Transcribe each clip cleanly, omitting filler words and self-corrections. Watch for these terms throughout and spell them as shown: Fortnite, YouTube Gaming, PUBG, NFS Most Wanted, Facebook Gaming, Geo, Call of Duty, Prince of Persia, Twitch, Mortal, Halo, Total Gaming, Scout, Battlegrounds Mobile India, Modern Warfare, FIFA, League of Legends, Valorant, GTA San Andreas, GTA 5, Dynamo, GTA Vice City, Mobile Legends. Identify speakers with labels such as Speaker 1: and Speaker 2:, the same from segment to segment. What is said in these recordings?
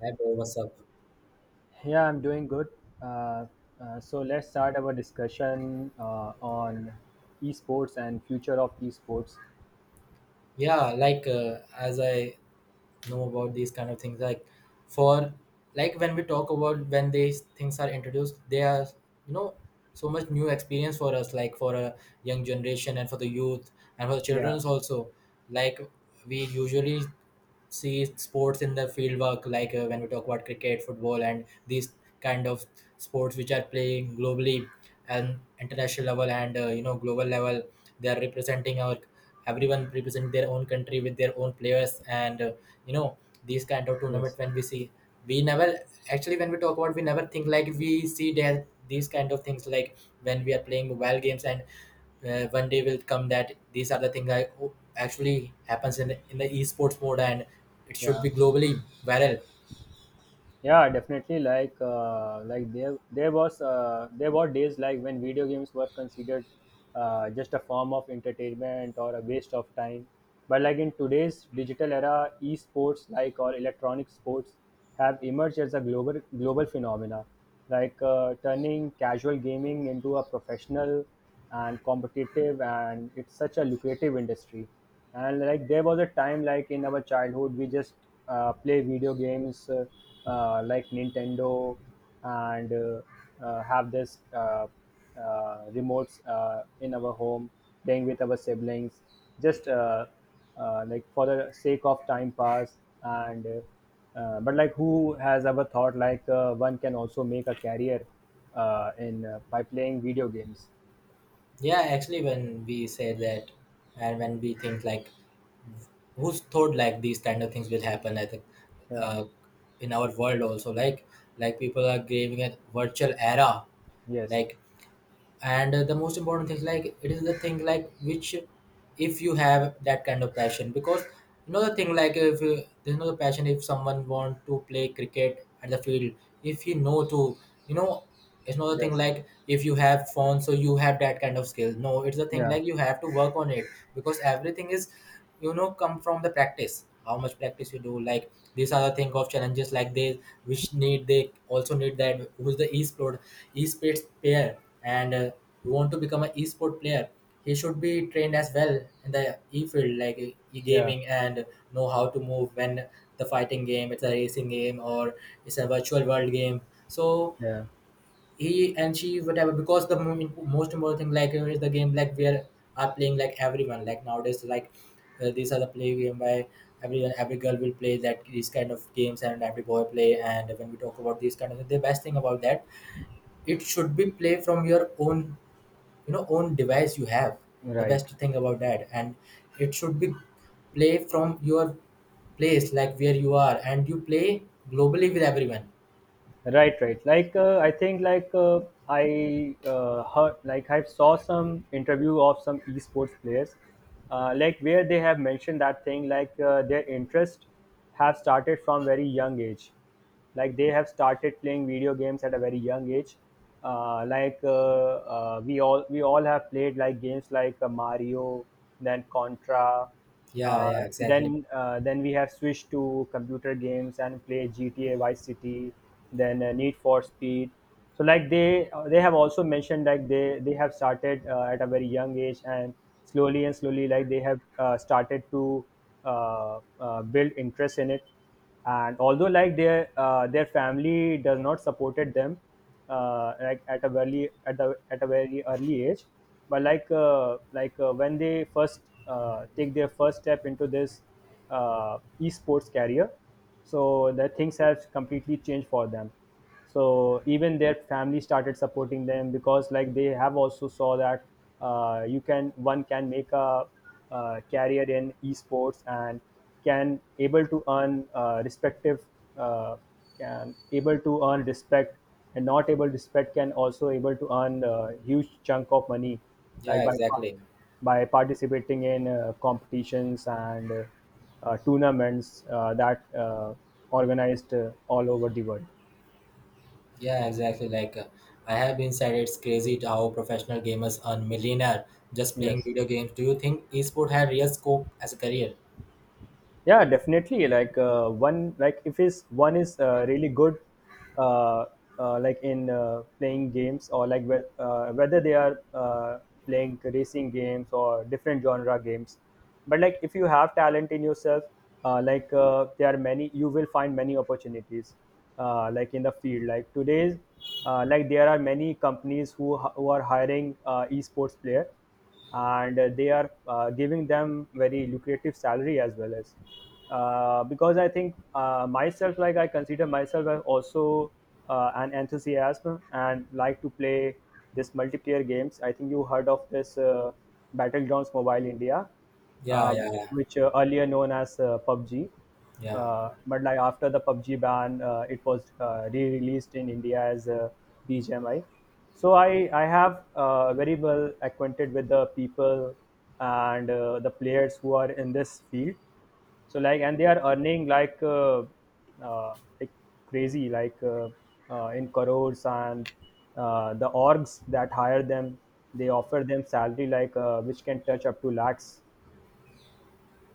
Speaker 1: Hi bro, what's up?
Speaker 2: Yeah, I'm doing good. Uh, so let's start our discussion on esports and future of esports.
Speaker 1: Yeah, like as I know about these kind of things, like for like when we talk about when these things are introduced, they are you know so much new experience for us, like for a young generation and for the youth and for the
Speaker 2: Yeah,
Speaker 1: childrens also. Like, we usually see sports in the field work, like when we talk about cricket, football, and these kind of sports which are playing globally. And international level and global level, they are representing our, everyone represent their own country with their own players. And you know these kind of tournament,
Speaker 2: yes,
Speaker 1: when we see, we never, actually, when we talk about, we never think, like we see that these kind of things, like when we are playing mobile games, and one day will come that these are the things that actually happens in the esports mode, and it should
Speaker 2: yeah.
Speaker 1: be globally viral.
Speaker 2: Yeah, definitely. There were days like when video games were considered just a form of entertainment or a waste of time. But like in today's digital era, esports like or electronic sports have emerged as a global phenomena, like turning casual gaming into a professional and competitive, and it's such a lucrative industry. And like there was a time like in our childhood, we just play video games. Like Nintendo and have this remotes in our home, playing with our siblings, just like for the sake of time pass. And but like who has ever thought like one can also make a career in by playing video games?
Speaker 1: Yeah, actually, when we say that, and when we think like, who's thought like these kind of things will happen? I think,
Speaker 2: Yeah.
Speaker 1: uh, in our world also, like, people are giving a virtual era,
Speaker 2: Yes.
Speaker 1: like, and the most important thing, like it is the thing like which, if you have that kind of passion. Because you know the thing like, if you, there's no passion if someone want to play cricket at the field, if he know to, you know it's not a thing
Speaker 2: Yes.
Speaker 1: like if you have phone so you have that kind of skill. No, it's a thing
Speaker 2: Yeah.
Speaker 1: like you have to work on it, because everything is, come from the practice. How much practice you do, like these are the thing of challenges like this, which need, they also need that, who's the esports player, and you want to become an esport player, he should be trained as well in the e field, like
Speaker 2: Yeah.
Speaker 1: e-gaming, and know how to move when the fighting game, it's a racing game, or it's a virtual world game. So,
Speaker 2: Yeah.
Speaker 1: he and she, whatever. Because the most important thing, like, is the game, like we are playing, like everyone, like nowadays, like these are the play game by everyone, every girl will play that these kind of games and every boy play. And when we talk about these kind of, the best thing about that, it should be play from your own, own device you have. The
Speaker 2: Right.
Speaker 1: best thing about that, and it should be play from your place, like where you are, and you play globally with everyone.
Speaker 2: Right, right. Like I think like I heard like I saw some interview of some esports players, like where they have mentioned that thing like their interest have started from very young age, like they have started playing video games at a very young age. We all have played like games like Mario, then Contra.
Speaker 1: Yeah,
Speaker 2: Uh,
Speaker 1: yeah, exactly.
Speaker 2: then uh, then we have switched to computer games and play GTA Vice City, then Need for Speed. So like they have also mentioned like they have started at a very young age, and slowly like they have started to build interest in it. And although like their family does not supported them like at a very early age, but like when they first take their first step into this esports career, so the things have completely changed for them, so even their family started supporting them because like they have also saw that you can one can make a, career in esports, and can able to earn respective uh, can able to earn respect. And not able respect can also able to earn a huge chunk of money
Speaker 1: Yeah,
Speaker 2: like
Speaker 1: exactly.
Speaker 2: by participating in competitions and tournaments that organized all over the world.
Speaker 1: Yeah, exactly. Like, I have been said, it's crazy to how professional gamers earn millionaire just playing
Speaker 2: Yes.
Speaker 1: video games. Do you think esport had real scope as a career?
Speaker 2: Yeah, definitely. Like one, like if is one is really good, uh, like in playing games or like whether they are playing racing games or different genre games. But like if you have talent in yourself, there are many, you will find many opportunities, like in the field. Like today's, like there are many companies who are hiring esports player, and they are giving them very lucrative salary as well as, because I think myself like I consider myself as also an enthusiast and like to play this multiplayer games. I think you heard of this Battlegrounds Mobile India,
Speaker 1: Yeah,
Speaker 2: uh,
Speaker 1: yeah, yeah,
Speaker 2: which earlier known as PUBG.
Speaker 1: yeah.
Speaker 2: But like after the PUBG ban, it was re-released in India as BGMI. So I have very well acquainted with the people and the players who are in this field. So like and they are earning like crazy like in crores, and the orgs that hire them, they offer them salary like which can touch up to lakhs.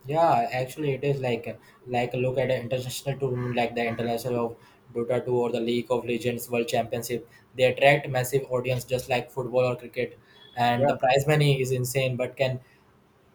Speaker 1: Yeah, actually, it is like, like a look at an international tournament like the international of Dota 2 or the League of Legends World Championship. They attract massive audience just like football or cricket, and
Speaker 2: Yeah,
Speaker 1: the prize money is insane. But can,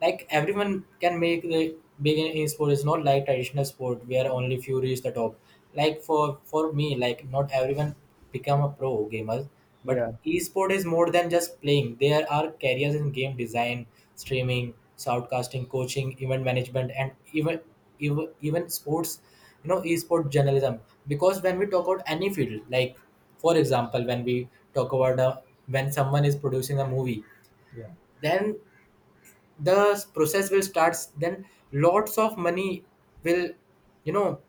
Speaker 1: like, everyone can make the begin in sport? It's not like traditional sport where only few reach the top. Like, for me, like, not everyone become a pro gamer. But
Speaker 2: yeah,
Speaker 1: esport is more than just playing. There are careers in game design, streaming, shoutcasting, coaching, event management, and even even sports, esport journalism. Because when we talk about any field, like, for example, when we talk about when someone is producing a movie,
Speaker 2: Yeah.
Speaker 1: then the process will start, then lots of money will, you know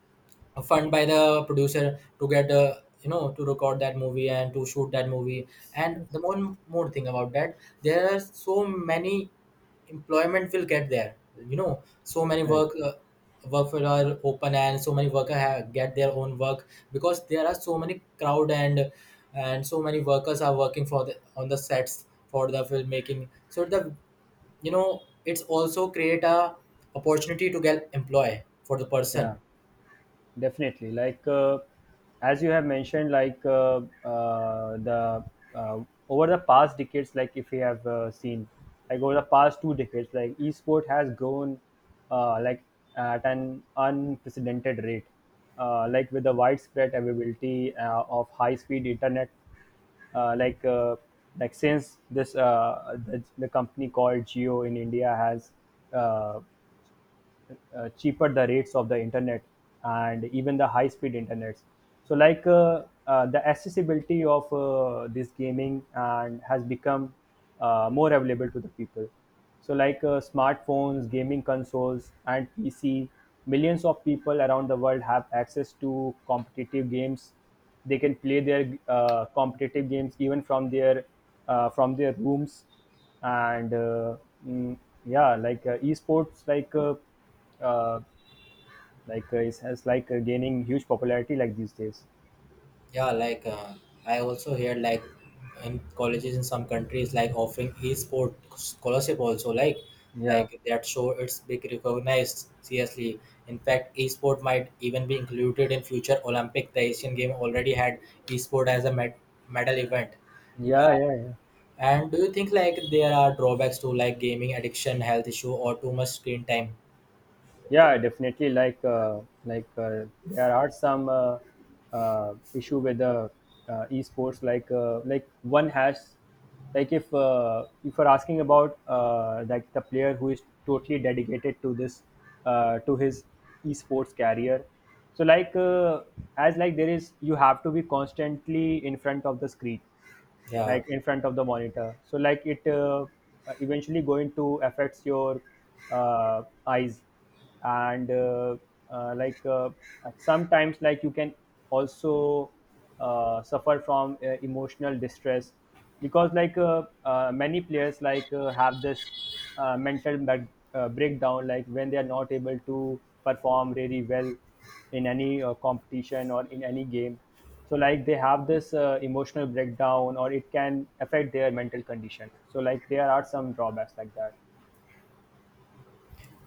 Speaker 1: fund by the producer to get, to record that movie and to shoot that movie. And
Speaker 2: Yes.
Speaker 1: the one more thing about that, there are so many employment will get there, so many
Speaker 2: right.
Speaker 1: work will are open, and so many worker get their own work. Because there are so many crowd, and so many workers are working for the on the sets for the filmmaking. So the, it's also create a opportunity to get employ for the person.
Speaker 2: Yeah, definitely. Like as you have mentioned, like the uh, over the past decades, like if you have seen, like over the past two decades, like esport has grown like at an unprecedented rate, like with the widespread availability of high-speed internet, uh, like uh, like since the company called Geo in India has uh, cheaper the rates of the internet and even the high speed internets. So like the accessibility of this gaming and has become more available to the people, so like smartphones, gaming consoles and pc, millions of people around the world have access to competitive games. They can play their competitive games even from their rooms. And mm, yeah, like esports uh, like it has like gaining huge popularity like these days.
Speaker 1: Yeah, like, I also hear, like, in colleges in some countries, like, offering e-sport scholarship also. like
Speaker 2: yeah
Speaker 1: like that show it's big recognized seriously. In fact, e-sport might even be included in future olympic. The Asian game already had e-sport as a medal event. uh,
Speaker 2: yeah,
Speaker 1: and do you think, like, there are drawbacks to, like, gaming addiction, health issue, or too much screen time?
Speaker 2: yeah, definitely. Like there are some issue with the esports, like one has, like if you're asking about like the player who is totally dedicated to this to his esports career. So like as like there is you have to be constantly in front of the screen,
Speaker 1: Yeah.
Speaker 2: like in front of the monitor. So like it eventually going to affects your eyes. And uh, like uh, sometimes like you can also suffer from emotional distress because like many players like have this uh, mental ba- breakdown, like when they are not able to perform really well in any competition or in any game. So like they have this emotional breakdown, or it can affect their mental condition. So like there are some drawbacks like that.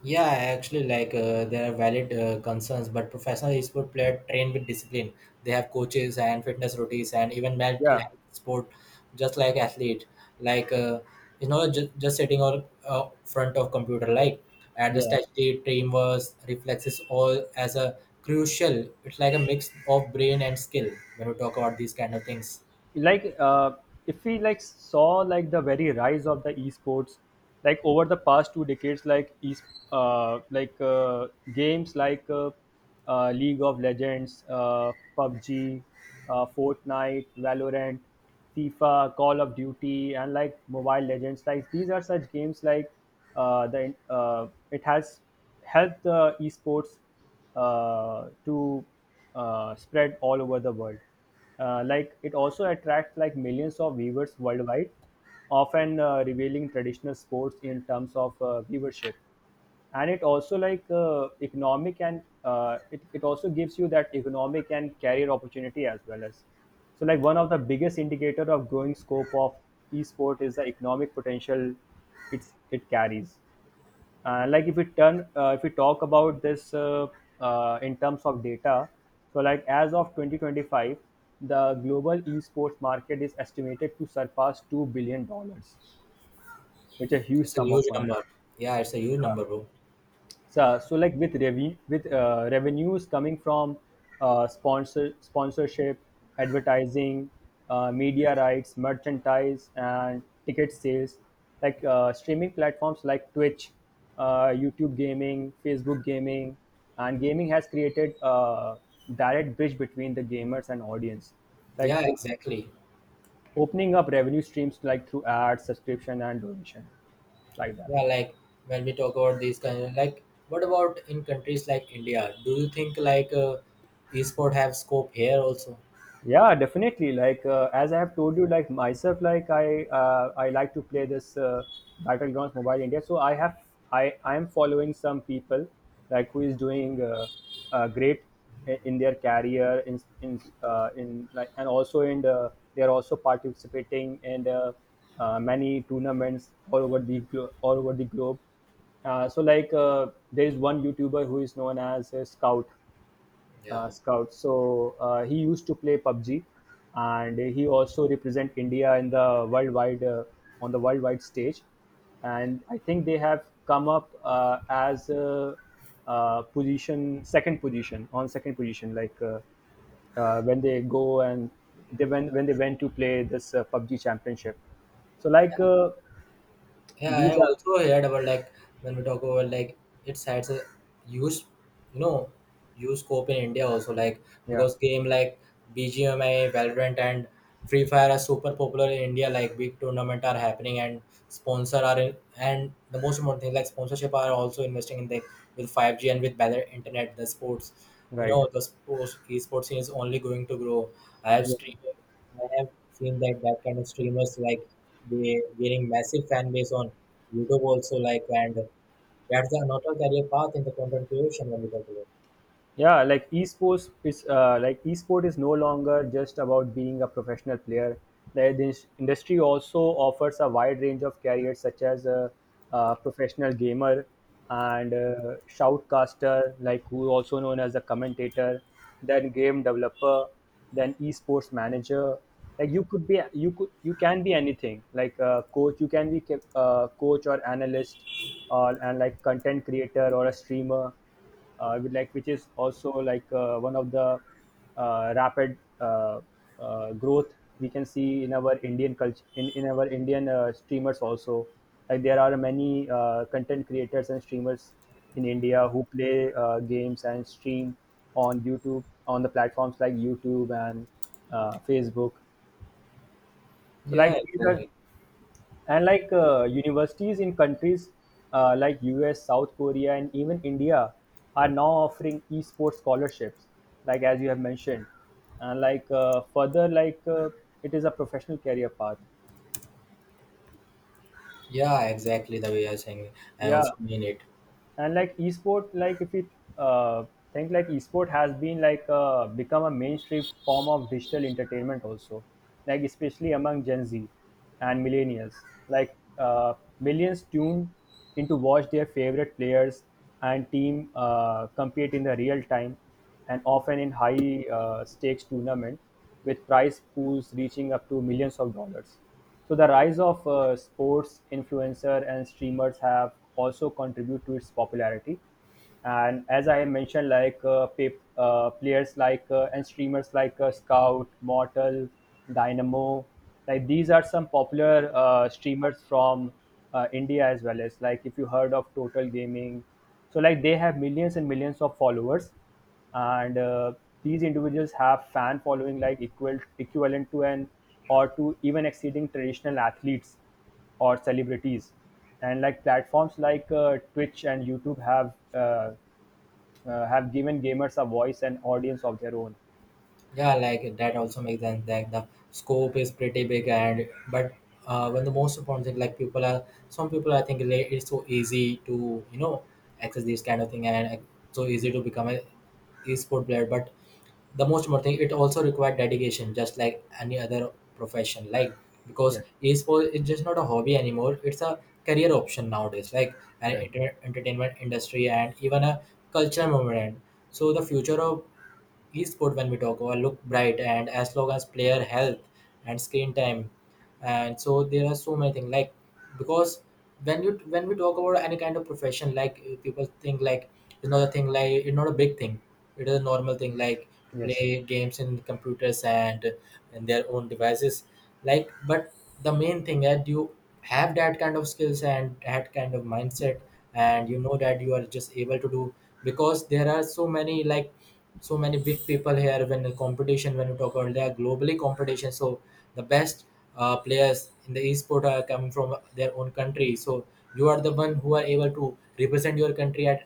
Speaker 1: Yeah, actually, like, there are valid concerns, but professional sport player train with discipline. They have coaches and fitness routines and even mental
Speaker 2: yeah
Speaker 1: health sport, just like athlete. Like, just sitting on, front of computer, like, and the
Speaker 2: yeah,
Speaker 1: strategy, teamwork, reflexes, all as a crucial. It's like a mix of brain and skill when we talk about these kind of things.
Speaker 2: like if we like saw like the very rise of the esports, like over the past two decades, like games like League of Legends, PUBG, Fortnite, Valorant, FIFA, Call of Duty, and like Mobile Legends, like these are such games like the it has helped the esports to spread all over the world. Like it also attracts like millions of viewers worldwide, often revealing traditional sports in terms of viewership. And it also like it also gives you that economic and career opportunity as well as. So like one of the biggest indicator of growing scope of esport is the economic potential it carries. If we talk about this in terms of data, so like as of 2025, the global esports market is estimated to surpass $2 billion, which is a huge
Speaker 1: It's a
Speaker 2: sum
Speaker 1: huge
Speaker 2: of money.
Speaker 1: number. Yeah, it's a huge number, bro.
Speaker 2: So like with revenue, with revenues coming from sponsorship, advertising, media rights, merchandise, and ticket sales, like streaming platforms like Twitch, YouTube Gaming, Facebook Gaming, and gaming has created a direct bridge between the gamers and audience, like
Speaker 1: Yeah,
Speaker 2: o-
Speaker 1: exactly.
Speaker 2: opening up revenue streams like through ads, subscription, and donation, like that.
Speaker 1: Yeah, like when we talk about these kind of, like, what about in countries like India? Do you think, like, esport have scope here also?
Speaker 2: Yeah Definitely. Like as I have told you, like myself like I like to play this Battlegrounds Mobile India. So I have, I am following some people like who is doing great in their career, in like, and also in the, they are also participating in the many tournaments all over the all over the globe. So like there is one youtuber who is known as a scout,
Speaker 1: Yeah.
Speaker 2: scouts. So he used to play PUBG, and he also represent India in the worldwide, on the worldwide stage. And I think they have come up as position second position on second position like. When they go and they went when they went to play this PUBG championship. So like
Speaker 1: Yeah, I
Speaker 2: these are
Speaker 1: also heard about, like, when we talk about, like, it's has a huge, you know, huge scope in India also, like,
Speaker 2: yeah
Speaker 1: because game like BGMI, Valorant, and Free Fire are super popular in India. Like, big tournament are happening and sponsor are in, and the most important thing, like, sponsorship are also investing in the, with 5G and with better internet, the sports. You
Speaker 2: right
Speaker 1: know the sports esports scene is only going to grow. I have streamed. I have seen that kind of streamers, like, they gaining massive fan base on YouTube also, like, and that's the another career path in the content creation when we talk about.
Speaker 2: yeah. Like esports is like esport is no longer just about being a professional player. The industry also offers a wide range of careers such as a professional gamer and shoutcaster, like who also known as a commentator, then game developer, then esports manager. Like you could be you could you can be anything, like a coach. You can be a coach or analyst, or and like content creator or a streamer, with like which is also like one of the rapid growth we can see in our Indian culture, in our Indian streamers also. Like there are many content creators and streamers in India who play games and stream on YouTube, on the platforms like YouTube and Facebook. So
Speaker 1: Yeah,
Speaker 2: like these are,
Speaker 1: exactly.
Speaker 2: and like universities in countries like US, South Korea, and even India are now offering esports scholarships, like as you have mentioned. And like further like it is a professional career path.
Speaker 1: Yeah, exactly the way you're saying. I
Speaker 2: Yeah.
Speaker 1: also mean it.
Speaker 2: And like esport like if you uh, think like esport has been like become a mainstream form of digital entertainment also, like especially among Gen Z and millennials. Like millions tuned in to watch their favorite players and team compete in the real time, and often in high stakes tournament with prize pools reaching up to millions of dollars. So the rise of sports influencer and streamers have also contribute to its popularity. And as I mentioned, like players like and streamers like Scout, Mortal, Dynamo, like these are some popular streamers from India, as well as like if you heard of Total Gaming. So like they have millions and millions of followers, and these individuals have fan following like equal equivalent to an or to even exceeding traditional athletes or celebrities. And like platforms like Twitch and YouTube have given gamers a voice and audience of their own.
Speaker 1: Yeah, like that also makes sense. Like, the scope is pretty big, and but, when, the most important thing, like people are, some people I think, like, it's so easy to, access this kind of thing, and, so easy to become a e-sport player. But the most important thing, it also required dedication, just like any other profession. Like, because
Speaker 2: Yeah,
Speaker 1: e-sport is just not a hobby anymore; it's a career option nowadays. Like, an
Speaker 2: right,
Speaker 1: entertainment industry and even a cultural moment. So the future of esport, when we talk about, look bright, and as long as player health and screen time, and so there are so many things, like. Because when we talk about any kind of profession, like, people think like it's not a thing, like it's not a big thing, it is a normal thing, like, to
Speaker 2: yes,
Speaker 1: play games in computers and in their own devices, like. But the main thing that you have that kind of skills and that kind of mindset, and you know that you are just able to do, because there are so many, like, so many big people here. When the competition, when you talk about, they are globally competition. So the best, players in the esport are coming from their own country. So you are the one who are able to represent your country at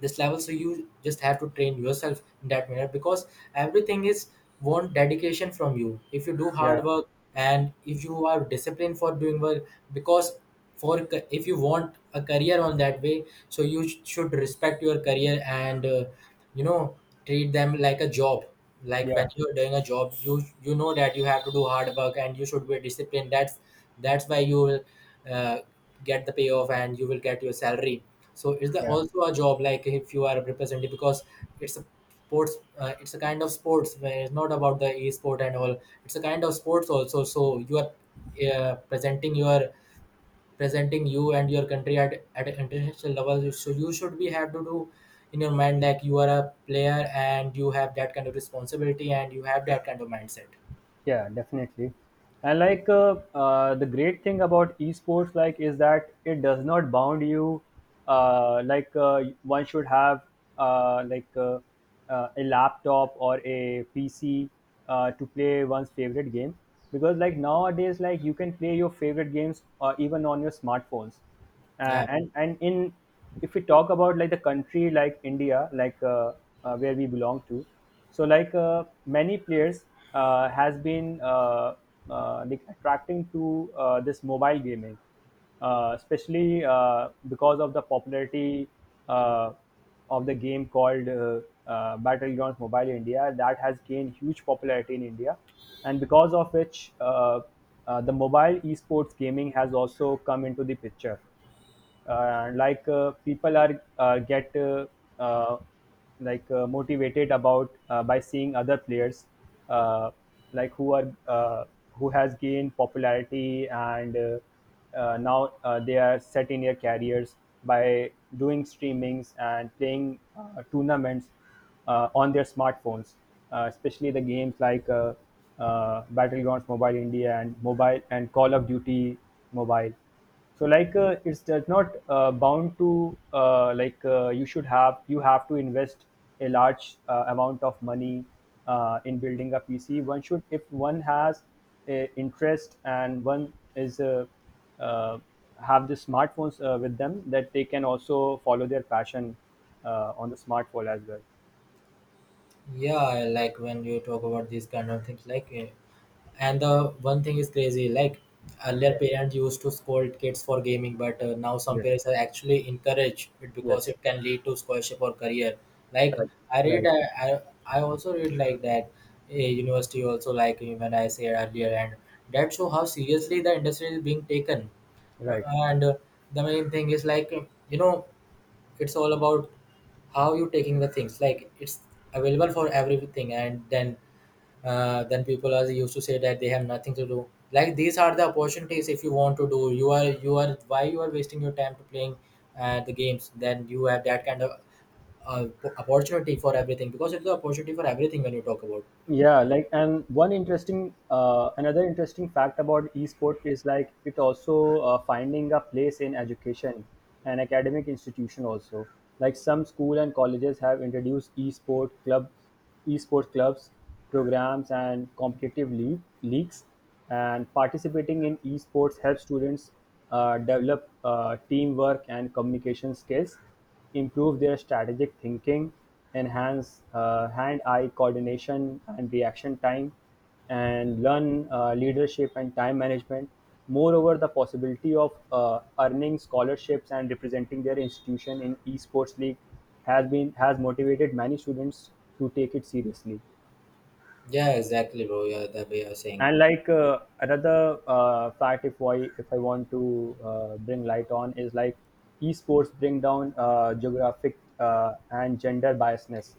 Speaker 1: this level. So you just have to train yourself in that manner, because everything is want dedication from you, if you do
Speaker 2: yeah,
Speaker 1: hard work, and if you are disciplined for doing work. Because, if you want a career on that way, so you should respect your career, and, you know treat them like a job. Like, when
Speaker 2: yeah,
Speaker 1: you're doing a job, you know that you have to do hard work and you should be disciplined. That's why you will, uh, get the payoff and you will get your salary. So it's the,
Speaker 2: yeah.
Speaker 1: also a job, like if you are representing. Because it's a sports, it's a kind of sports where it's not about the e-sport and all, it's a kind of sports also. So you are, uh, presenting your presenting you and your country at an international level. So you should be have to do in your mind, like you are a player and you have that kind of responsibility and you have that kind of mindset.
Speaker 2: Yeah, definitely. And like the great thing about esports, like, is that it does not bound you. Like one should have uh, like uh, a laptop or a PC to play one's favorite game, because like nowadays, like you can play your favorite games even on your smartphones. uh,
Speaker 1: Yeah,
Speaker 2: and and in if we talk about like the country like India, like where we belong to, so like many players has been like attracting to this mobile gaming, especially because of the popularity uh, of the game called Battlegrounds Mobile India, that has gained huge popularity in India. And because of which the mobile esports gaming has also come into the picture. People are get uh, like motivated about by seeing other players uh, like who are uh, who has gained popularity, and now they are set in their careers by doing streamings and playing tournaments on their smartphones, especially the games like Battlegrounds Mobile India and mobile, and Call of Duty Mobile. So like it's does not bound to, you should have, you have to invest a large amount of money in building a PC. One should, if one has a interest and one is uh, have the smartphones with them, that they can also follow their passion on the smartphone as well.
Speaker 1: yeah. Like when you talk about these kind of things, like. And the one thing is crazy, like earlier
Speaker 2: Yes,
Speaker 1: parents used to scold kids for gaming, but now some
Speaker 2: yes,
Speaker 1: parents are actually encourage it because
Speaker 2: yes.
Speaker 1: it can lead to scholarship or career. Like
Speaker 2: Right,
Speaker 1: i read
Speaker 2: right,
Speaker 1: i i, I also read like that, a university also, like when I said earlier, and that show how seriously the industry is being taken. But-
Speaker 2: right.
Speaker 1: and The main thing is like, you know it's all about how you taking the things, like it's available for everything. And then people are used to say that they have nothing to do. Like these are the opportunities, if you want to do, you are, you are, why you are wasting your time to playing the games? Then you have that kind of uh, opportunity for everything, because it's the opportunity for everything when you talk about.
Speaker 2: Yeah, like, and one interesting another interesting fact about esport is like it also finding a place in education and academic institution also. Like some school and colleges have introduced esport clubs, programs, and leagues. And participating in esports helps students develop teamwork and communication skills, improve their strategic thinking, enhance hand-eye coordination and reaction time, and learn leadership and time management. Moreover, the possibility of earning scholarships and representing their institution in esports league has motivated many students to take it seriously.
Speaker 1: Yeah, exactly, bro. Yeah, that way you're saying.
Speaker 2: And like another fact, if I want to bring light on, is like esports bring down geographic and gender biasness.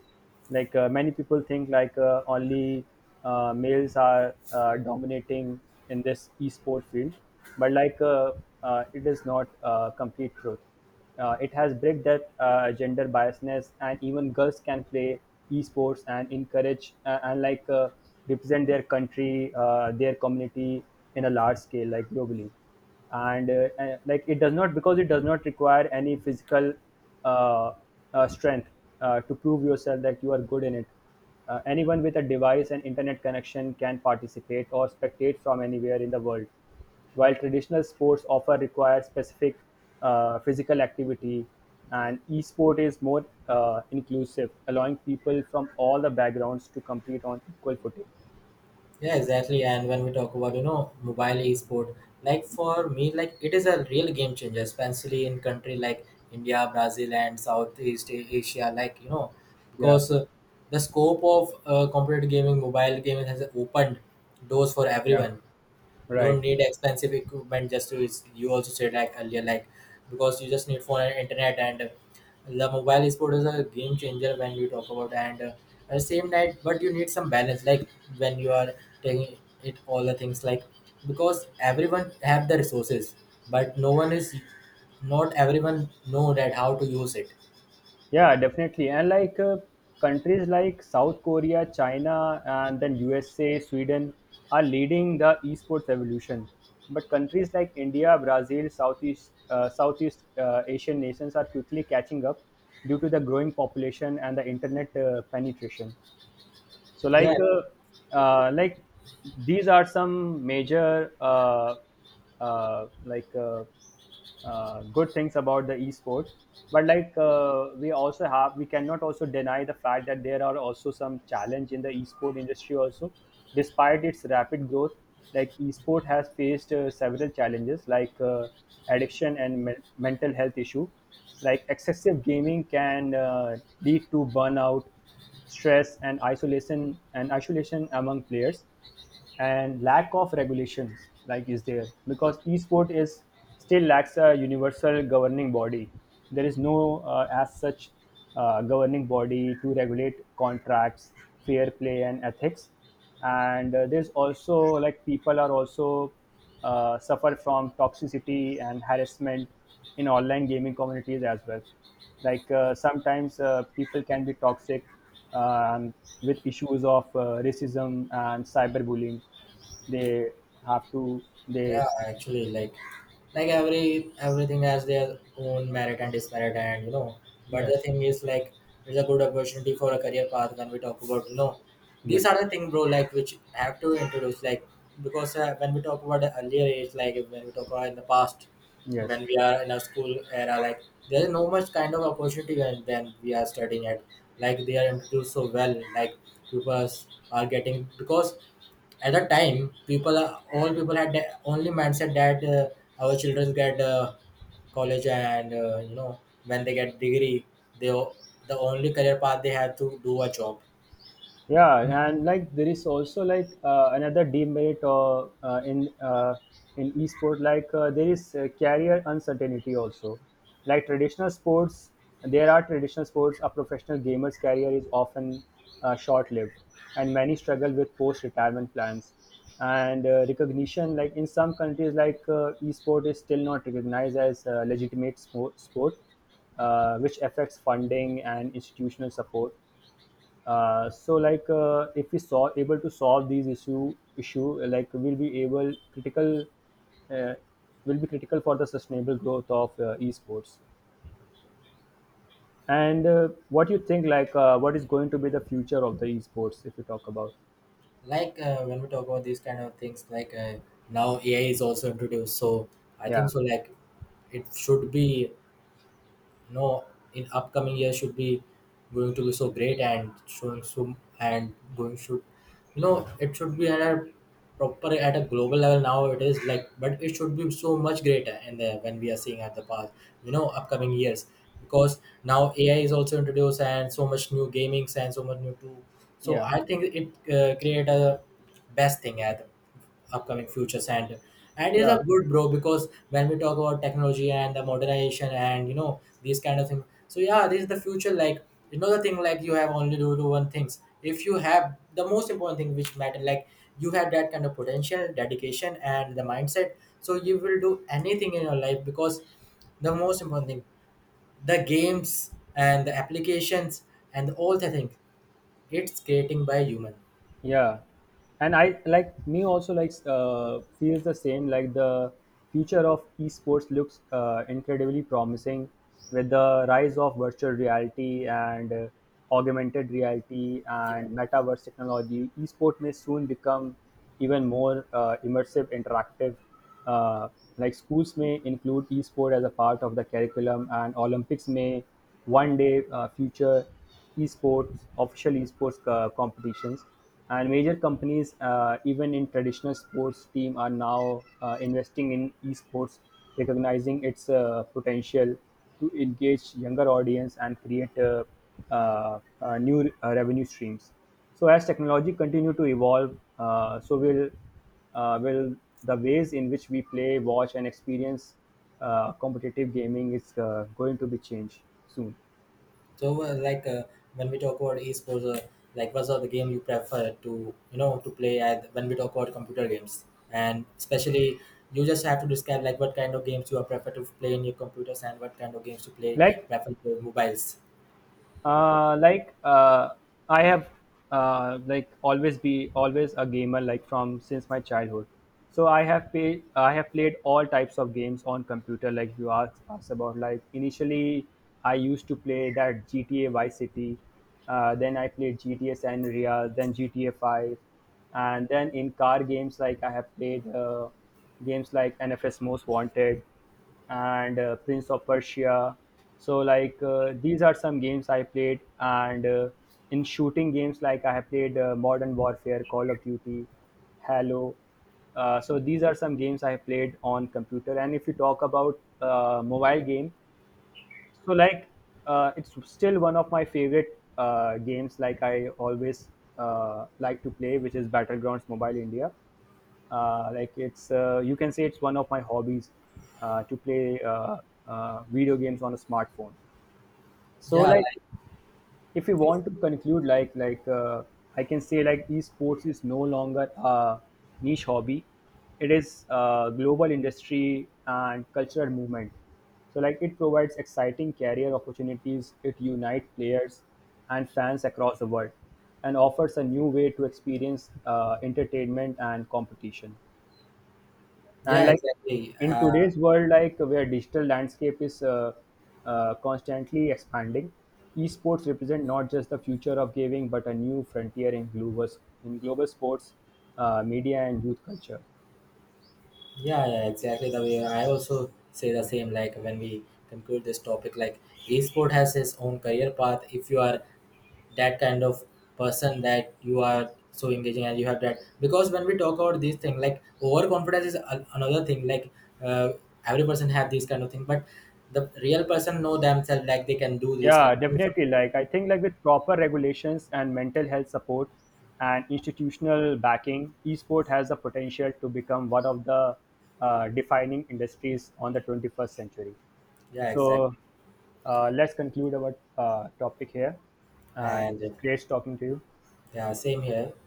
Speaker 2: Like many people think like only males are dominating in this esport field. But like it is not complete truth. It has break that gender biasness, and even girls can play esports and encourage and like represent their country, their community in a large scale, like globally. And like it does not, because it does not require any physical uh, strength to prove yourself that you are good in it. Anyone with a device and internet connection can participate or spectate from anywhere in the world. While traditional sports often require specific physical activity,
Speaker 1: Yeah.
Speaker 2: an esport is more inclusive, allowing people from all the backgrounds to compete on equal footing.
Speaker 1: Yeah, exactly. And when we talk about, you know, mobile e-sport, like for me, like it is a real game changer, especially in country like India, Brazil, and Southeast A- Asia. Like you know,
Speaker 2: Yeah,
Speaker 1: because the scope of competitive gaming, mobile gaming has opened doors for
Speaker 2: yeah,
Speaker 1: everyone. You don't
Speaker 2: right.
Speaker 1: need expensive equipment just to it's- you also said like earlier, like because you just need phone and internet. And the mobile sport is a game changer when you talk about. And at the same night, but you need some balance, like when you are taking it all the things, like because everyone have the resources, but no one is, not everyone know that how to use it.
Speaker 2: Yeah, definitely. And like countries like South Korea, China, and then USA, Sweden are leading the esports evolution. But countries like India, Brazil, Southeast Asian nations are quickly catching up due to the growing population and the internet penetration. So
Speaker 1: Yeah.
Speaker 2: like these are some major uh, like uh, good things about the esport. But like we also have, we cannot also deny the fact that there are also some challenge in the esport industry also. Despite its rapid growth, like esport has faced several challenges, like addiction and mental health issue. Like excessive gaming can lead to burnout, stress, and isolation among players, and lack of regulations like is there, because esport is still lacks a universal governing body. There is no as such governing body to regulate contracts, fair play, and ethics. And there's also, like people are also suffer from toxicity and harassment in online gaming communities as well. Like sometimes people can be toxic, um, with issues of racism and cyberbullying. They have to they
Speaker 1: Yeah, actually, like everything has their own merit and dismerit, and you know. But the
Speaker 2: yes,
Speaker 1: thing is, like, it's a good opportunity for a career path when we talk about, you know, these
Speaker 2: yes,
Speaker 1: are the thing, bro. Like, which have to introduce, like, because when we talk about the earlier age, like when we talk about in the past,
Speaker 2: yes.
Speaker 1: when we are in a school era, like there is no much kind of opportunity when then we are studying at. Like they are introduced so well, like pupils are getting because at that time people are- all people had that only mindset that our children get college and you know, when they get degree, they o- the only career path they have to do a job.
Speaker 2: Yeah, and like there is also like another demerit in esport. Like there is career uncertainty also, like traditional sports. A professional gamer's career is often short-lived, and many struggle with post-retirement plans and recognition. Like in some countries, like esport is still not recognized as a legitimate sport, which affects funding and institutional support. So like if we saw able to solve these issue, like we'll be able critical uh, will be critical for the sustainable growth of esports. And what you think like what is going to be the future of the esports if we talk about?
Speaker 1: Like when we talk about these kind of things, like now AI is also introduced. So I
Speaker 2: Yeah,
Speaker 1: think so, like it should be, no, in upcoming year should be going to be so great and showing so, and going should, you know, it should be at a proper, at a global level. Now it is like, but it should be so much greater in the when we are seeing at the past, you know, upcoming years, because now AI is also introduced, and so much new gamings and so much new tool. So
Speaker 2: yeah,
Speaker 1: I think it create a best thing at upcoming futures. And it's
Speaker 2: yeah.
Speaker 1: a good, bro, because when we talk about technology and the modernization and you know these kind of things, so yeah, this is the future. Like, you know, the thing, like you have only to do one things. If you have the most important thing which matter, like you have that kind of potential, dedication, and the mindset, so you will do anything in your life. Because the most important thing, the games and the applications and all the things, it's creating by human.
Speaker 2: Yeah, and I, like me also, like feels the same. Like the future of esports looks incredibly promising. With the rise of virtual reality and augmented reality
Speaker 1: Yeah.
Speaker 2: and metaverse technology, esport may soon become even more immersive, interactive. Uh, like schools may include esport as a part of the curriculum, and Olympics may one day future esports official esports competitions. And major companies, even in traditional sports team, are now investing in esports, recognizing its potential to engage younger audience and create new revenue streams. So as technology continue to evolve, will the ways in which we play, watch, and experience competitive gaming is going to be changed soon.
Speaker 1: So, like when we talk about esports, like what's the game you prefer to, you know, to play? At, when we talk about computer games, and especially, you just have to describe like what kind of games you are prefer to play in your computers, and what kind of games you play
Speaker 2: Like
Speaker 1: prefer to mobiles.
Speaker 2: like I have like always be always a gamer, like from since my childhood. So I have played all types of games on computer, like you asked us about. Like initially, I used to play that GTA Vice City, then I played GTA San Andreas, then GTA 5. And then in car games, like I have played games like NFS Most Wanted, and Prince of Persia. So like these are some games I played. And in shooting games, like I have played Modern Warfare, Call of Duty, Halo. So these are some games I have played on computer. And if you talk about mobile game, so like it's still one of my favorite games, like I always like to play, which is Battlegrounds Mobile India. Like it's, you can say it's one of my hobbies to play video games on a smartphone. So
Speaker 1: Yeah,
Speaker 2: like
Speaker 1: like
Speaker 2: if you
Speaker 1: this.
Speaker 2: want to conclude, like I can say, like, esports is no longer a niche hobby, it is a global industry and cultural movement. So like it provides exciting career opportunities, it unites players and fans across the world, and offers a new way to experience entertainment and competition. And
Speaker 1: Yeah,
Speaker 2: like
Speaker 1: exactly.
Speaker 2: in today's world, like where digital landscape is constantly expanding, esports represent not just the future of gaming but a new frontier in global sports, media, and youth culture.
Speaker 1: Yeah, yeah, exactly. The way I also say the same. Like when we conclude this topic, like esport has its own career path. If you are that kind of person that you are so engaging, and you have that because when we talk about this thing like overconfidence is a- another thing, like uh, every person have this kind of thing, but the real person know themselves, like they can do this kind
Speaker 2: Yeah,
Speaker 1: of thing. So,
Speaker 2: definitely, like I think like with proper regulations and mental health support and institutional backing, esport has the potential to become one of the defining industries on the 21st century.
Speaker 1: yeah,
Speaker 2: So
Speaker 1: exactly.
Speaker 2: let's conclude our topic here.
Speaker 1: And
Speaker 2: It's great talking to you.
Speaker 1: yeah, same here.